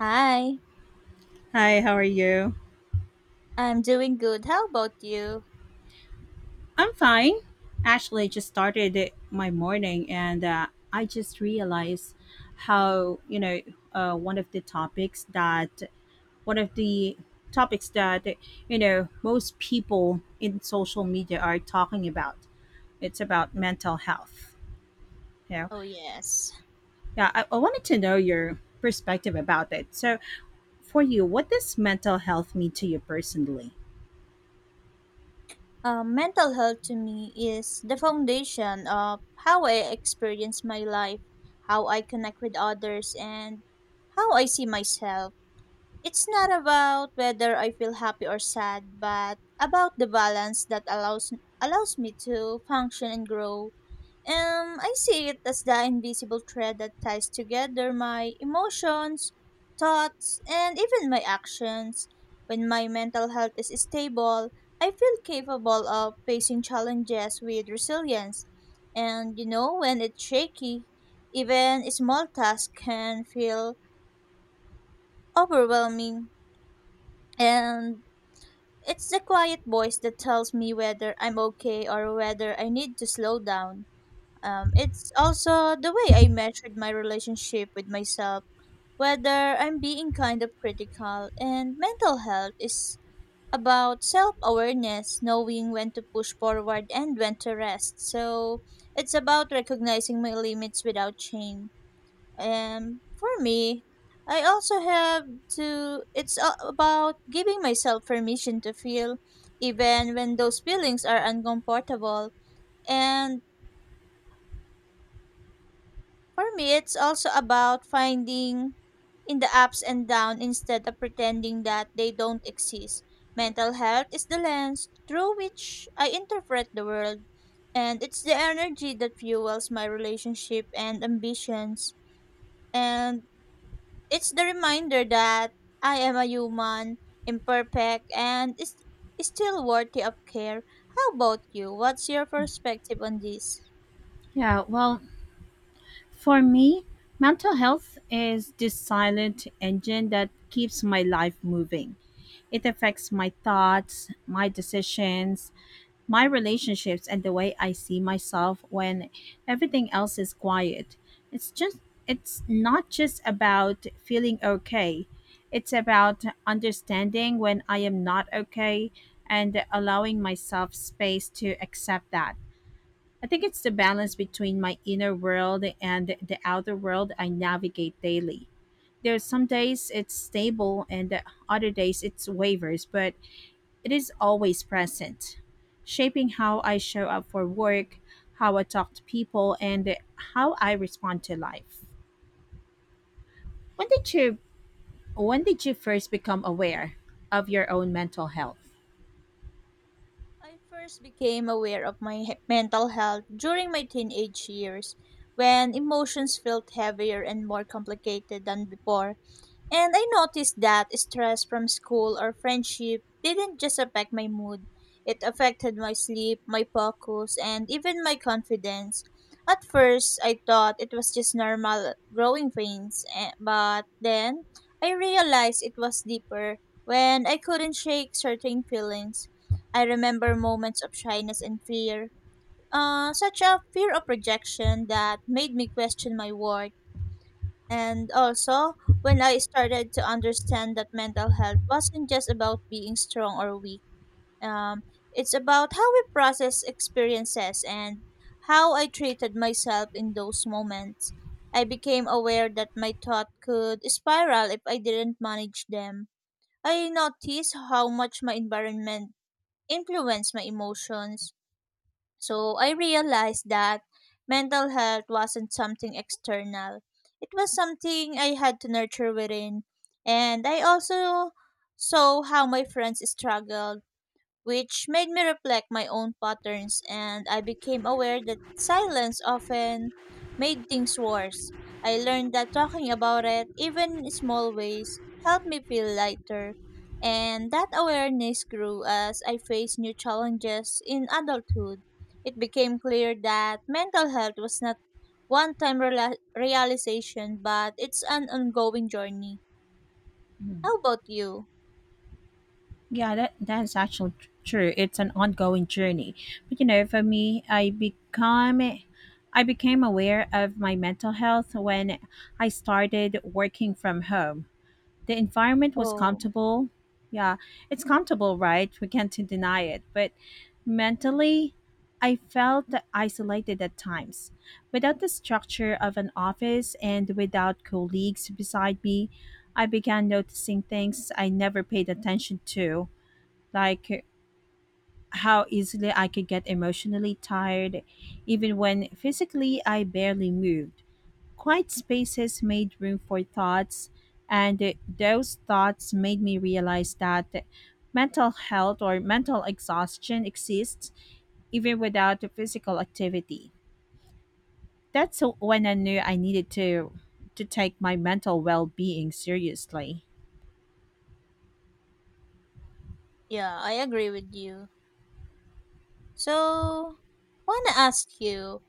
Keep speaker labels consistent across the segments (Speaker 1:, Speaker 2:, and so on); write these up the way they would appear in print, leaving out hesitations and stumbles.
Speaker 1: Hi,
Speaker 2: Hi, how are you?
Speaker 1: I'm doing good. How about you?
Speaker 2: I'm fine. Actually, I just started it- my morning and I just realized how, uh, one of the topics that, one of the topics that, most people in social media are talking about. It's about mental health. You know,
Speaker 1: Oh, yes.
Speaker 2: yeah, I wanted to know your perspective about it. So, for you, what does mental health mean to you personally?
Speaker 1: Mental health to me is the foundation of how I experience my life, how I connect with others, and how I see myself. It's not about whether I feel happy or sad, but about the balance that allows me to function and grow. I see it as the invisible thread that ties together my emotions, thoughts, and even my actions. When my mental health is stable, I feel capable of facing challenges with resilience. And you know, when it's shaky, even small tasks can feel overwhelming. And it's the quiet voice that tells me whether I'm okay or whether I need to slow down. It's also the way I measured my relationship with myself, whether I'm being kind of critical, and mental health is about self awareness, knowing when to push forward and when to rest. So it's about recognizing my limits without shame. And for me, I also it's about giving myself permission to feel, even when those feelings are uncomfortable. And for me, it's also about finding in the ups and downs instead of pretending that they don't exist. Mental health is the lens through which I interpret the world, and it's the energy that fuels my relationship and ambitions. And it's the reminder that I am a human, imperfect, and is still worthy of care. How about you? What's your perspective on this?
Speaker 2: Yeah, well, for me, mental health is this silent engine that keeps my life moving. It affects my thoughts, my decisions, my relationships, and the way I see myself when everything else is quiet. It's just it's not just about feeling okay. It's about understanding when I am not okay and allowing myself space to accept that. I think it's the balance between my inner world and the outer world I navigate daily. There are some days it's stable and the other days it wavers, but it is always present, shaping how I show up for work, how I talk to people, and how I respond to life. When did you when did you first become aware of your own mental health?
Speaker 1: I first became aware of mental health during my teenage years when emotions felt heavier and more complicated than before. And I noticed that stress from school or friendship didn't just affect my mood, it affected my sleep, my focus, and even my confidence. At first, I thought it was just normal growing pains, but then I realized it was deeper when I couldn't shake certain feelings. I remember moments of shyness and fear, such a fear of rejection that made me question my worth and also, when I started to understand that mental health wasn't just about being strong or weak, um, it's about how we process experiences and how I treated myself in those moments. I became aware that my thought could spiral if I didn't manage them. I noticed how much my environment influenced my emotions so I realized that mental health wasn't something external. It was something I had to nurture within. And I also saw how my friends struggled which made me reflect my own patterns and I became aware that silence often made things worse. I learned that talking about it, even in small ways, helped me feel lighter. And that awareness grew as I faced new challenges in adulthood. It became clear that mental health was not one time realization, but it's an ongoing journey. How about you?
Speaker 2: Yeah, that's actually true. It's an ongoing journey. But you know, for me, I became aware of my mental health when I started working from home. The environment was
Speaker 1: Oh,
Speaker 2: comfortable. Yeah, it's comfortable, right? We can't deny it. But mentally, I felt isolated at times. Without the structure of an office and without colleagues beside me, I began noticing things I never paid attention to, like how easily I could get emotionally tired, even when physically I barely moved. Quiet spaces made room for thoughts, and those thoughts made me realize that mental health or mental exhaustion exists even without the physical activity. That's when I knew I needed to take my mental well-being seriously.
Speaker 1: yeah, I agree with you. So, wanna ask you,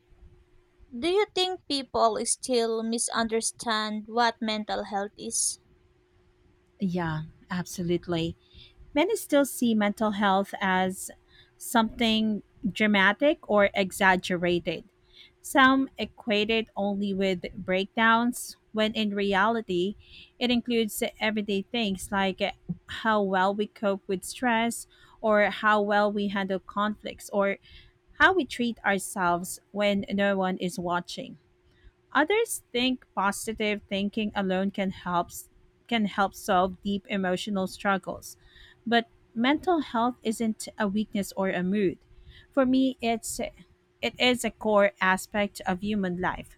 Speaker 1: do you think people still misunderstand what mental health is?
Speaker 2: Yeah, absolutely. Many still see mental health as something dramatic or exaggerated. Some equate it only with breakdowns, when in reality, it includes everyday things like how well we cope with stress, or how well we handle conflicts, or how we treat ourselves when no one is watching. Others think positive thinking alone can help solve deep emotional struggles. But mental health isn't a weakness or a mood. For me, it is a core aspect of human life.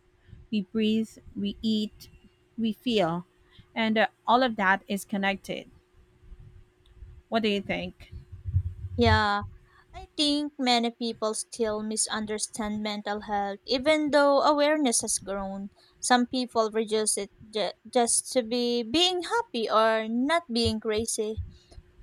Speaker 2: We breathe, we eat, we feel, and all of that is connected. What do you think?
Speaker 1: Yeah, I think many people still misunderstand mental health even though awareness has grown. Some people reduce it just to be being happy or not being crazy.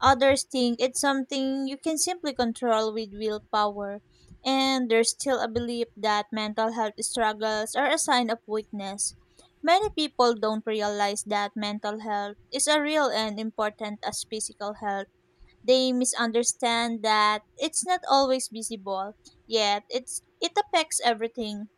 Speaker 1: Others think it's something you can simply control with willpower. And there's still a belief that mental health struggles are a sign of weakness. Many people don't realize that mental health is as real and important as physical health. They misunderstand that it's not always visible, yet it affects everything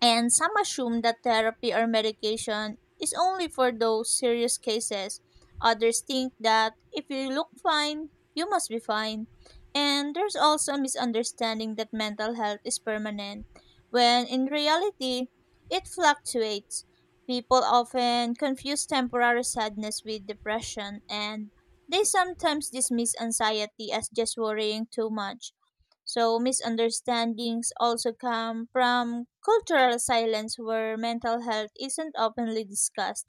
Speaker 1: and some assume that therapy or medication is only for those serious cases. Others think that if you look fine, you must be fine. And there's also a misunderstanding that mental health is permanent, when in reality, it fluctuates. People often confuse temporary sadness with depression, and they sometimes dismiss anxiety as just worrying too much. So misunderstandings also come from cultural silence where mental health isn't openly discussed.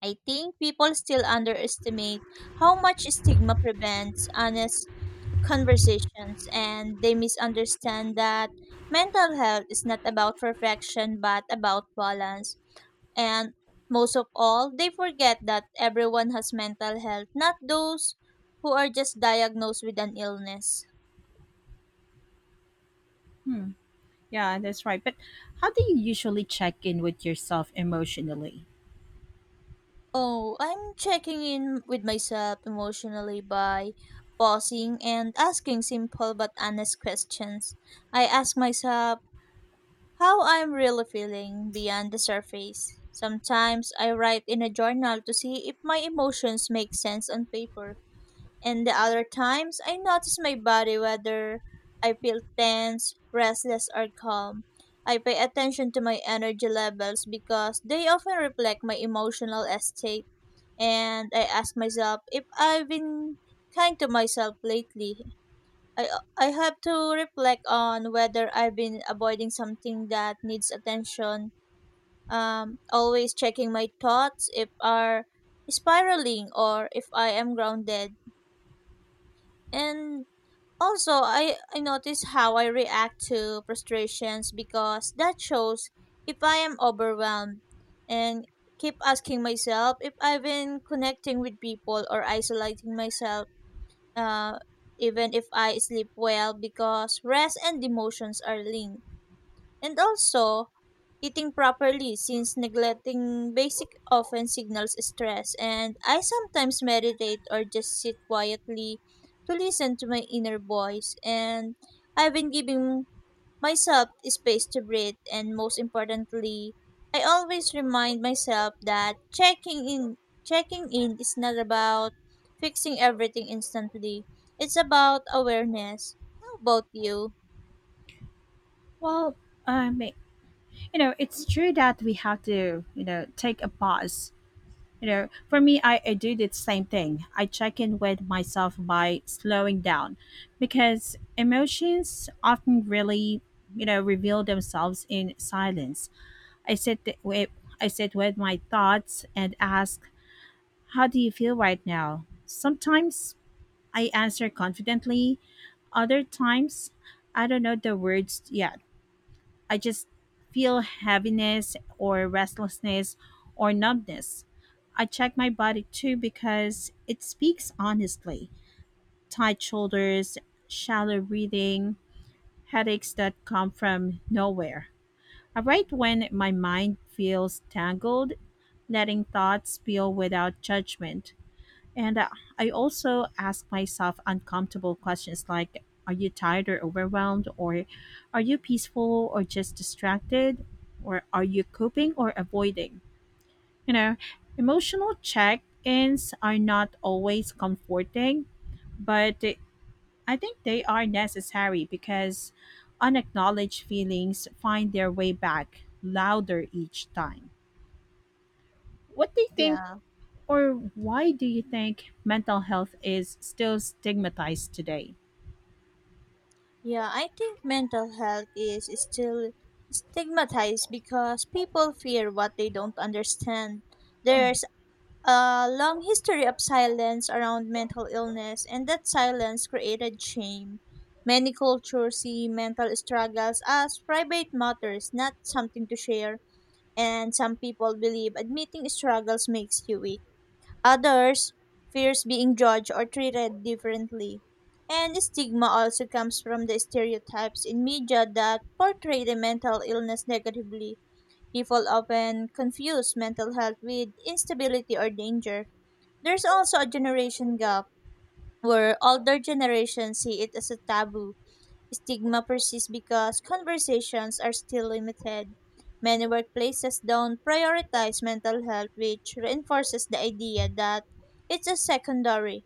Speaker 1: I think people still underestimate how much stigma prevents honest conversations and they misunderstand that mental health is not about perfection but about balance. And most of all, they forget that everyone has mental health, not those who are just diagnosed with an illness.
Speaker 2: Hmm. Yeah, that's right. But how do you usually check in with yourself emotionally?
Speaker 1: Oh, I'm checking in with myself emotionally by pausing and asking simple but honest questions. I ask myself how I'm really feeling beyond the surface. Sometimes I write in a journal to see if my emotions make sense on paper. And the other times, I notice my body whether I feel tense, restless, or calm. I pay attention to my energy levels because they often reflect my emotional state. And I ask myself if I've been kind to myself lately. I, I have to reflect on whether I've been avoiding something that needs attention. Always checking my thoughts if are spiraling or if I am grounded. And also, I notice how I react to frustrations because that shows if I am overwhelmed and keep asking myself if I've been connecting with people or isolating myself, uh, even if I sleep well, because rest and emotions are linked. And also, eating properly, since neglecting basic often signals stress, and I sometimes meditate or just sit quietly to listen to my inner voice. And I've been giving myself space to breathe, and most importantly, I always remind myself that checking in is not about fixing everything instantly. It's about awareness. How about you?
Speaker 2: Well, um, you know it's true that we have to, take a pause. For me, I do the same thing. I check in with myself by slowing down, because emotions often really, reveal themselves in silence. i sit th- with I sit with my thoughts and ask, how do you feel right now? Sometimes I answer confidently, other times I don't know the words yet. I just feel heaviness or restlessness or numbness. I check my body too because it speaks honestly. Tight shoulders, shallow breathing, headaches that come from nowhere. I write when my mind feels tangled, letting thoughts spill without judgment. And I also ask myself uncomfortable questions like, are you tired or overwhelmed? Or are you peaceful or just distracted? Or are you coping or avoiding? You know, emotional check ins are not always comforting, but I think they are necessary because unacknowledged feelings find their way back louder each time. What do you think?
Speaker 1: Yeah.
Speaker 2: Or why do you think mental health is still stigmatized today?
Speaker 1: Yeah, I think mental health is still stigmatized because people fear what they don't understand. There's a long history of silence around mental illness, and that silence created shame. Many cultures see mental struggles as private matters, not something to share, and some people believe admitting struggles makes you weak. Others fears being judged or treated differently. And stigma also comes from the stereotypes in media that portray the mental illness negatively. People often confuse mental health with instability or danger. There's also a generation gap where older generations see it as a taboo. Stigma persists because conversations are still limited. Many workplaces don't prioritize mental health, which reinforces the idea that it's a secondary.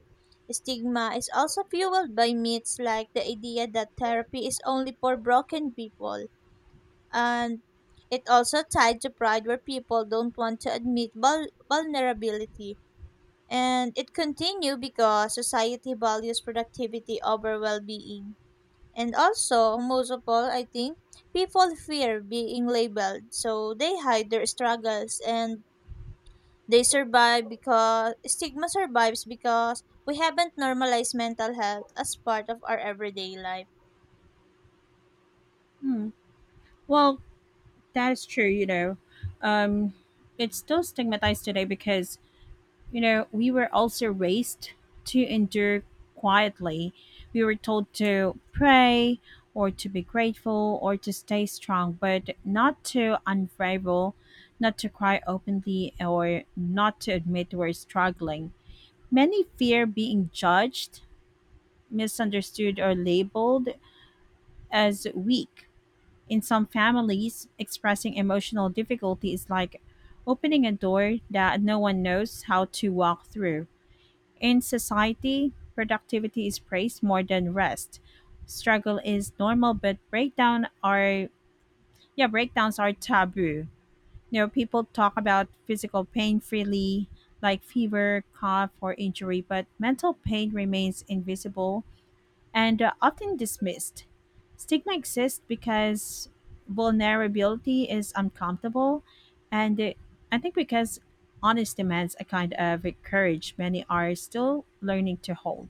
Speaker 1: Stigma is also fueled by myths like the idea that therapy is only for broken people, and it also tied to pride where people don't want to admit vulnerability. And it continue because society values productivity over well-being. And also, most of all, I think people fear being labeled, so they hide their struggles and they survive because stigma survives because we haven't normalized mental health as part of our everyday life.
Speaker 2: Hmm. Well, that is true, you know. Um, it's still stigmatized today because, you know, we were also raised to endure quietly. We were told to pray or to be grateful or to stay strong, but not to unravel, not to cry openly, or not to admit we're struggling. Many fear being judged, misunderstood or labeled as weak. In some families, expressing emotional difficulty is like opening a door that no one knows how to walk through. In society, productivity is praised more than rest. Struggle is normal, but breakdown are Yeah, breakdowns are taboo. You know, people talk about physical pain freely, like fever, cough, or injury, but mental pain remains invisible and are often dismissed. Stigma exists because vulnerability is uncomfortable, and I think because honest demands a kind of courage many are still learning to hold.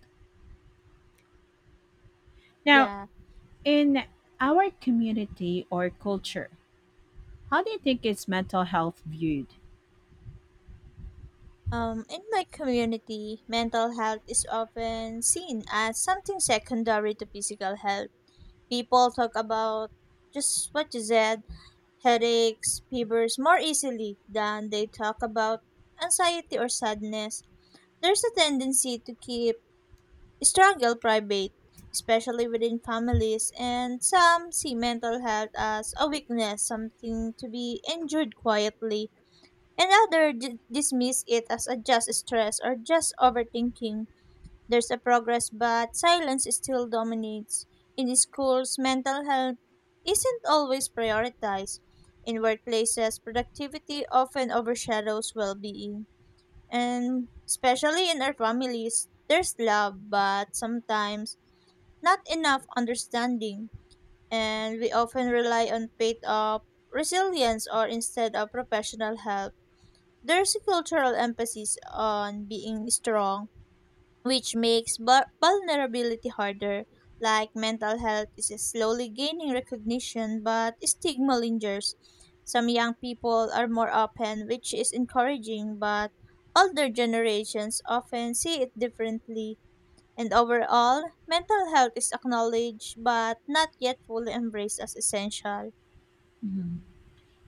Speaker 2: Now,
Speaker 1: Yeah.
Speaker 2: in our community or culture, how do you think is mental health viewed?
Speaker 1: In my community, mental health is often seen as something secondary to physical health. People talk about just what you said headaches, fevers more easily than they talk about anxiety or sadness. There's a tendency to keep struggle private, especially within families, and some see mental health as a weakness, something to be endured quietly, and others dismiss it as a just stress or just overthinking. There's a progress, but silence still dominates. In schools, mental health isn't always prioritized. In workplaces, productivity often overshadows well being. And especially in our families, there's love, but sometimes not enough understanding. And we often rely on faith of resilience or instead of professional help. There's a cultural emphasis on being strong which makes vulnerability harder. Like mental health is slowly gaining recognition, but stigma lingers. Some young people are more open, which is encouraging, but older generations often see it differently. And overall, mental health is acknowledged but not yet fully embraced as essential.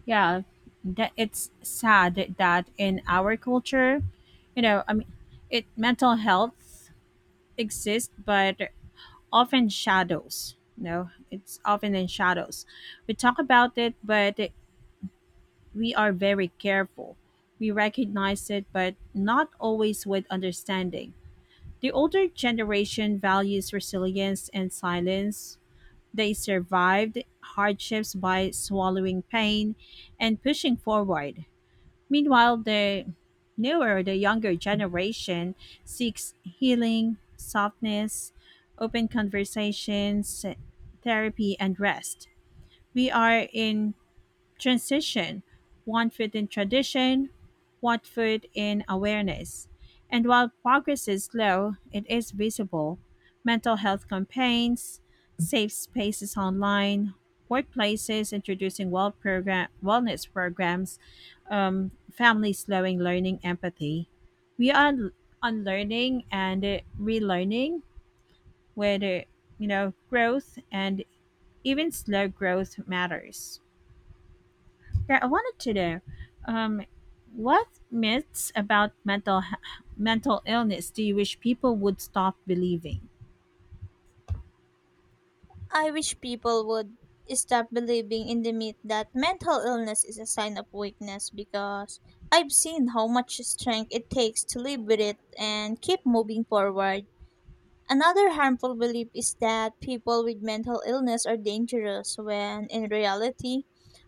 Speaker 2: Yeah, that it's sad that in our culture, you know, I mean, it mental health exists, but often shadows. No, it's often in shadows. We talk about it, but we are very careful. We recognize it, but not always with understanding. The older generation values resilience and silence. They survived hardships by swallowing pain and pushing forward. Meanwhile, the younger generation seeks healing, softness, open conversations, therapy, and rest. We are in transition, one foot in tradition, one foot in awareness. And while progress is slow, it is visible. Mental health campaigns, safe spaces online, workplaces introducing wellness programs, families slowing learning empathy. We are unlearning and relearning, where growth and even slow growth matters. Yeah, I wanted to know, um, what myths about mental illness do you wish people would stop believing?
Speaker 1: I wish people would stop believing in the myth that mental illness is a sign of weakness because I've seen how much strength it takes to live with it and keep moving forward. Another harmful belief is that people with mental illness are dangerous, when in reality,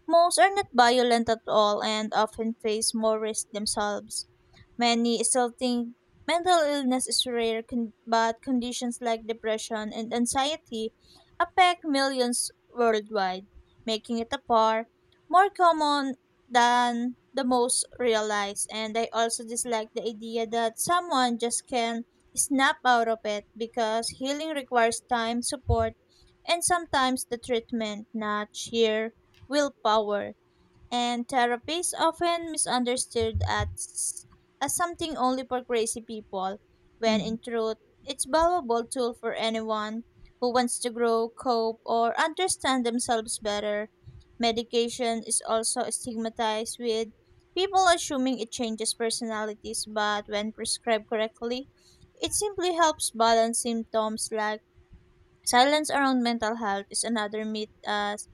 Speaker 1: most are not violent at all and often face more risk themselves. Many still think mental illness is rare, but conditions like depression and anxiety affect millions worldwide, making it a par more common than the most realize. And I also dislike the idea that someone just can snap out of it because healing requires time, support, and sometimes the treatment, not sheer willpower and therapy is often misunderstood as something only for crazy people, when
Speaker 2: Mhm.
Speaker 1: in truth, it's valuable tool for anyone who wants to grow, cope, or understand themselves better. Medication is also stigmatized with people assuming it changes personalities, but when prescribed correctly, it simply helps balance symptoms like silence around mental health is another myth as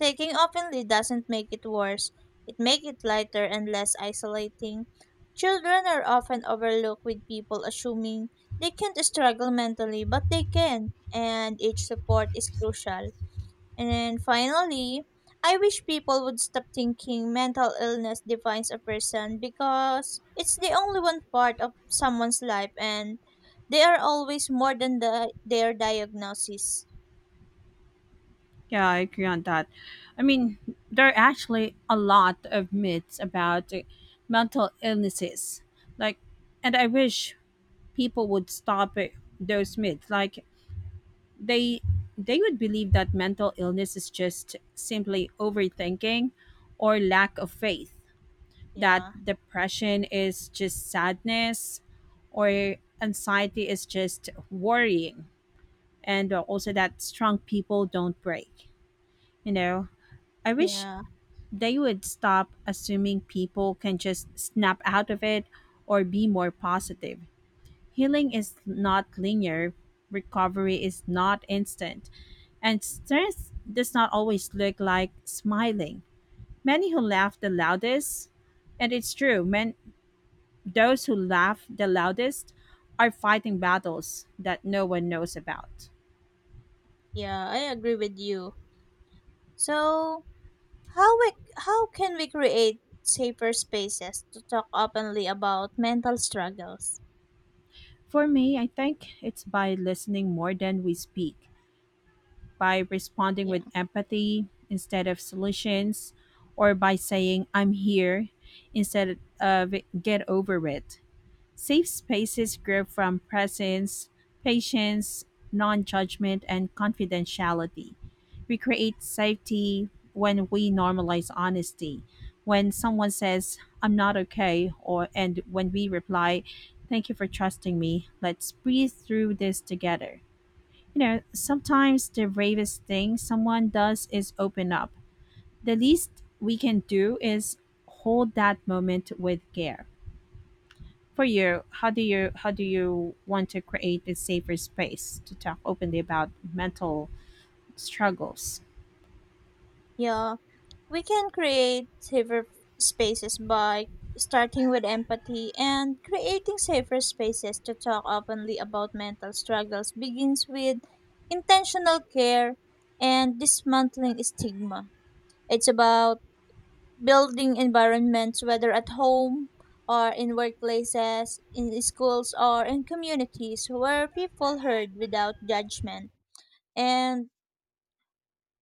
Speaker 1: taking openly doesn't make it worse. It makes it lighter and less isolating. Children are often overlooked with people assuming they can't struggle mentally, but they can, and each support is crucial. And finally, I wish people would stop thinking mental illness defines a person because it's the only one part of someone's life and they are always more than their diagnosis.
Speaker 2: Yeah, I agree on that. I mean, there are actually a lot of myths about mental illnesses. Like, and I wish people would stop those myths. Like, they they would believe that mental illness is just simply overthinking or lack of faith, that
Speaker 1: Yeah,
Speaker 2: depression is just sadness or anxiety is just worrying, and also that strong people don't break. You know, I wish
Speaker 1: yeah,
Speaker 2: they would stop assuming people can just snap out of it or be more positive. Healing is not linear, recovery is not instant, and strength does not always look like smiling. Many who laugh the loudest and it's true men Those who laugh the loudest are fighting battles that no one knows about.
Speaker 1: yeah. I agree with you. So, how we how can we create safer spaces to talk openly about mental struggles?
Speaker 2: For me, I think it's by listening more than we speak, by responding
Speaker 1: Yeah,
Speaker 2: with empathy instead of solutions, or by saying, I'm here, instead of get over it. Safe spaces grow from presence, patience, non judgment, and confidentiality. We create safety when we normalize honesty. When someone says, I'm not okay, or and when we reply, thank you for trusting me. Let's breathe through this together. You know, sometimes the bravest thing someone does is open up. The least we can do is hold that moment with care. For you, how do you want to create a safer space to talk openly about mental struggles?
Speaker 1: yeah. We can create safer spaces by starting with empathy, and creating safer spaces to talk openly about mental struggles begins with intentional care and dismantling stigma. It's about building environments, whether at home or in workplaces, in schools, or in communities where people heard without judgment. And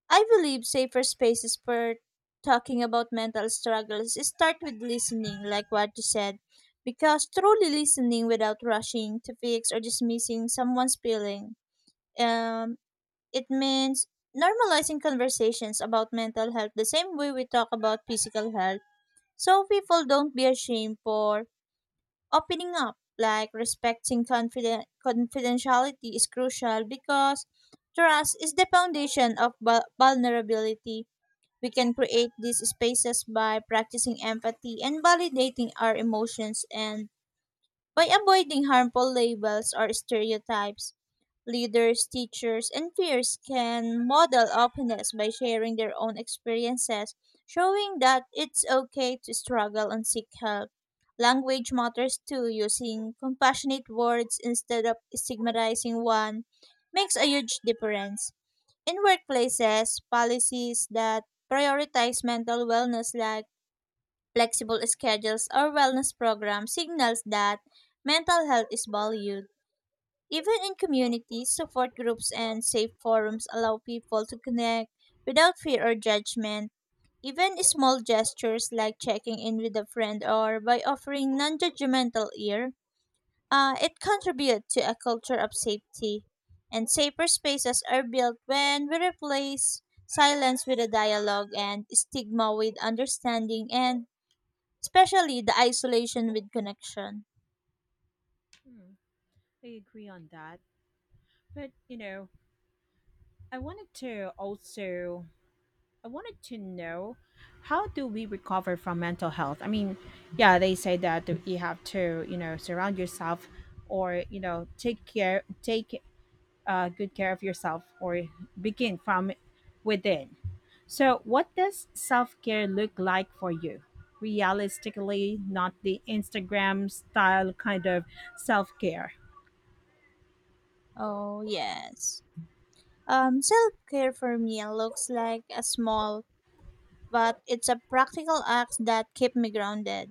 Speaker 1: I believe safer spaces for talking about mental struggles start with listening, like what you said, because truly listening without rushing to fix or dismissing someone's feeling, um, it means normalizing conversations about mental health the same way we talk about physical health so people don't be ashamed for opening up. Like respecting confidentiality is crucial because trust is the foundation of vulnerability. We can create these spaces by practicing empathy and validating our emotions and by avoiding harmful labels or stereotypes. Leaders, teachers, and peers can model openness by sharing their own experiences, showing that it's okay to struggle and seek help. Language matters too, using compassionate words instead of stigmatizing one makes a huge difference. In workplaces, policies that prioritize mental wellness like flexible schedules or wellness programs signals that mental health is valued. Even in communities, support groups and safe forums allow people to connect without fear or judgment. Even small gestures like checking in with a friend or by offering non-judgmental ear, it contributes to a culture of safety. And safer spaces are built when we replace silence with a dialogue, and stigma with understanding, and especially the isolation with connection.
Speaker 2: Hmm, I agree on that. But you know, i wanted to also I wanted to know, how do we recover from mental health? I mean, yeah, they say that you have to, you know, surround yourself or, you know, take good care of yourself or begin from within. So, what does self care look like for you? Realistically, not the Instagram style kind of self care.
Speaker 1: Oh, yes. Self care for me looks like a small, but it's a practical act that keep me grounded.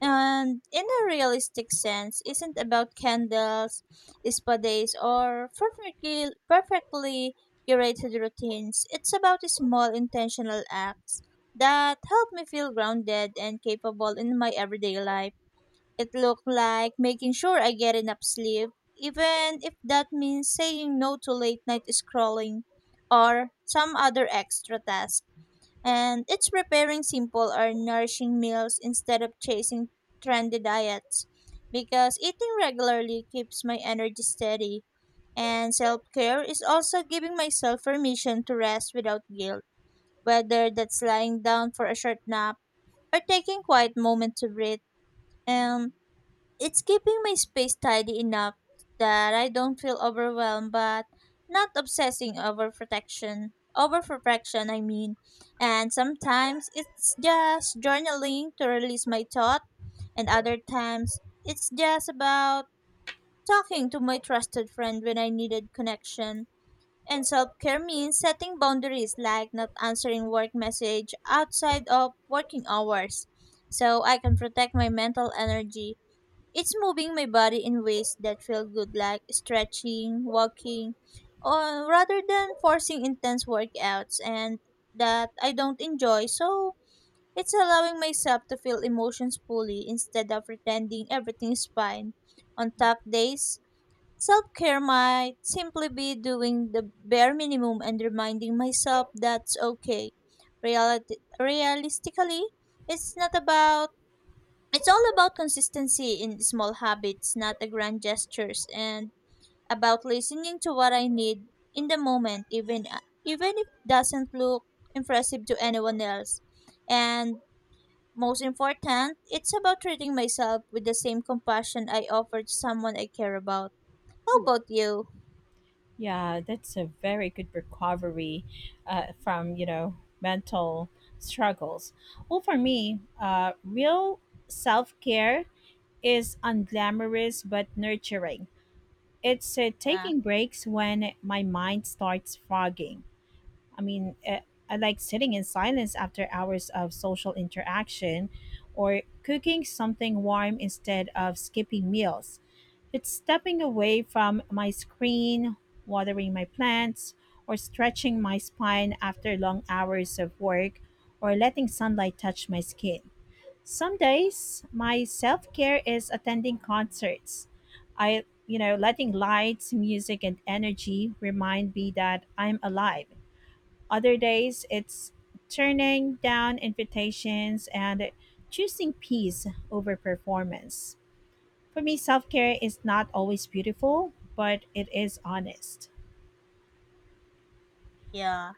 Speaker 1: And in a realistic sense, isn't about candles, spa days, or perfectly curated routines. It's about small intentional acts that help me feel grounded and capable in my everyday life. It looked like making sure I get enough sleep, even if that means saying no to late night scrolling or some other extra task. And it's preparing simple or nourishing meals instead of chasing trendy diets because eating regularly keeps my energy steady. And self care is also giving myself permission to rest without guilt, whether that's lying down for a short nap or taking quiet moment to breathe. Um, it's keeping my space tidy enough that I don't feel overwhelmed but not obsessing over protection. Over protection, I mean. And sometimes it's just journaling to release my thought, and other times it's just about talking to my trusted friend when I needed connection. And self care means setting boundaries like not answering work message outside of working hours so I can protect my mental energy. It's moving my body in ways that feel good, like stretching, walking, or rather than forcing intense workouts and that I don't enjoy. So it's allowing myself to feel emotions fully instead of pretending everything is fine. On tough days, self care might simply be doing the bare minimum and reminding myself that's okay. Realistically, it's not about it's all about consistency in small habits, not a grand gestures, and about listening to what I need in the moment, even even if it doesn't look impressive to anyone else. And most important, it's about treating myself with the same compassion I offer to someone I care about. How about you?
Speaker 2: Yeah, that's a very good recovery from, you know, mental struggles. Well, for me, real self care is unglamorous but nurturing. It's
Speaker 1: Yeah,
Speaker 2: taking breaks when my mind starts fogging. I mean, eh, I like sitting in silence after hours of social interaction or cooking something warm instead of skipping meals. It's stepping away from my screen, watering my plants, or stretching my spine after long hours of work, or letting sunlight touch my skin. Some days, my self care is attending concerts. I, you know, letting lights, music, and energy remind me that I'm alive. Other days, it's turning down invitations and choosing peace over performance. For me, self care is not always beautiful, but it is honest.
Speaker 1: yeah.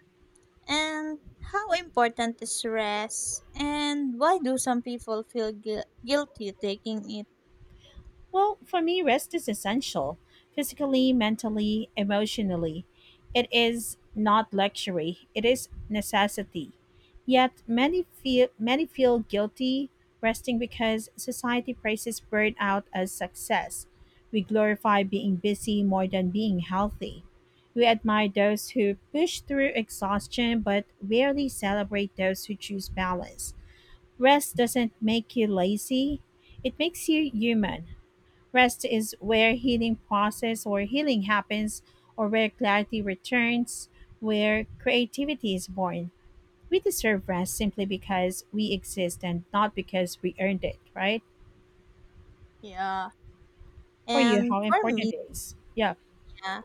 Speaker 1: And how important is rest? And why do some people feel guilty taking it?
Speaker 2: Well, for me, rest is essential physically, mentally, emotionally. It is not luxury, it is necessity. Yet many feel guilty resting because society praises burnout as success. We glorify being busy more than being healthy. We admire those who push through exhaustion but rarely celebrate those who choose balance. Rest doesn't make you lazy, it makes you human. Rest is where healing happens, or where clarity returns, where creativity is born. We deserve rest simply because we exist and not because we earned it, right?
Speaker 1: Yeah.
Speaker 2: For you,
Speaker 1: And
Speaker 2: how
Speaker 1: for
Speaker 2: important
Speaker 1: me,
Speaker 2: it is. Yeah.
Speaker 1: yeah.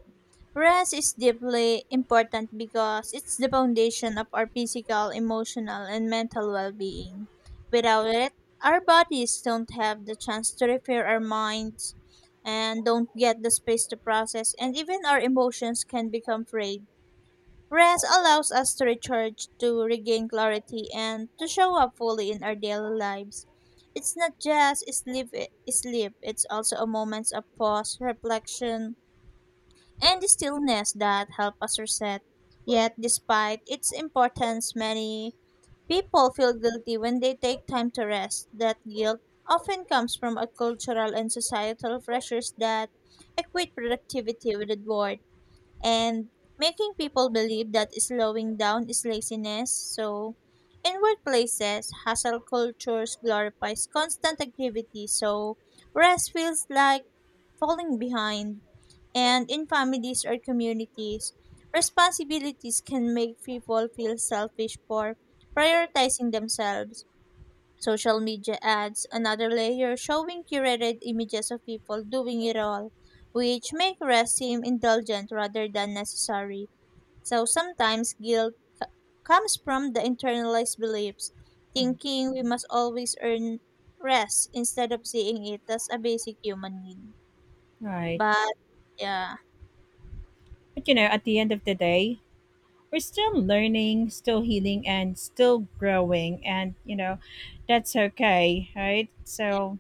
Speaker 1: Rest is deeply important because it's the foundation of our physical, emotional, and mental well being. Without it, our bodies don't have the chance to repair our minds and don't get the space to process, and even our emotions can become frayed. Rest allows us to recharge, to regain clarity, and to show up fully in our daily lives. It's not just sleep. It's also a moment of pause, reflection, and the stillness that help us reset. Yet, despite its importance, many people feel guilty when they take time to rest. That guilt often comes from a cultural and societal pressures that equate productivity with reward and making people believe that slowing down is laziness. So, in workplaces, hustle cultures glorifies constant activity, so rest feels like falling behind. And in families or communities, responsibilities can make people feel selfish for prioritizing themselves. Social media adds another layer showing curated images of people doing it all, which make rest seem indulgent rather than necessary. So sometimes comes from the internalized beliefs,
Speaker 2: Mm.
Speaker 1: thinking we must always earn rest instead of seeing it as a basic human need.
Speaker 2: Right.
Speaker 1: But yeah.
Speaker 2: But you know, at the end of the day, we're still learning, still healing, and still growing. And, you know, that's okay, right? So,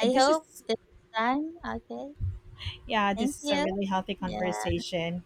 Speaker 1: I
Speaker 2: this
Speaker 1: hope
Speaker 2: is,
Speaker 1: this time. Okay.
Speaker 2: yeah, this
Speaker 1: Thank
Speaker 2: is a
Speaker 1: you.
Speaker 2: really healthy
Speaker 1: Yeah.
Speaker 2: conversation.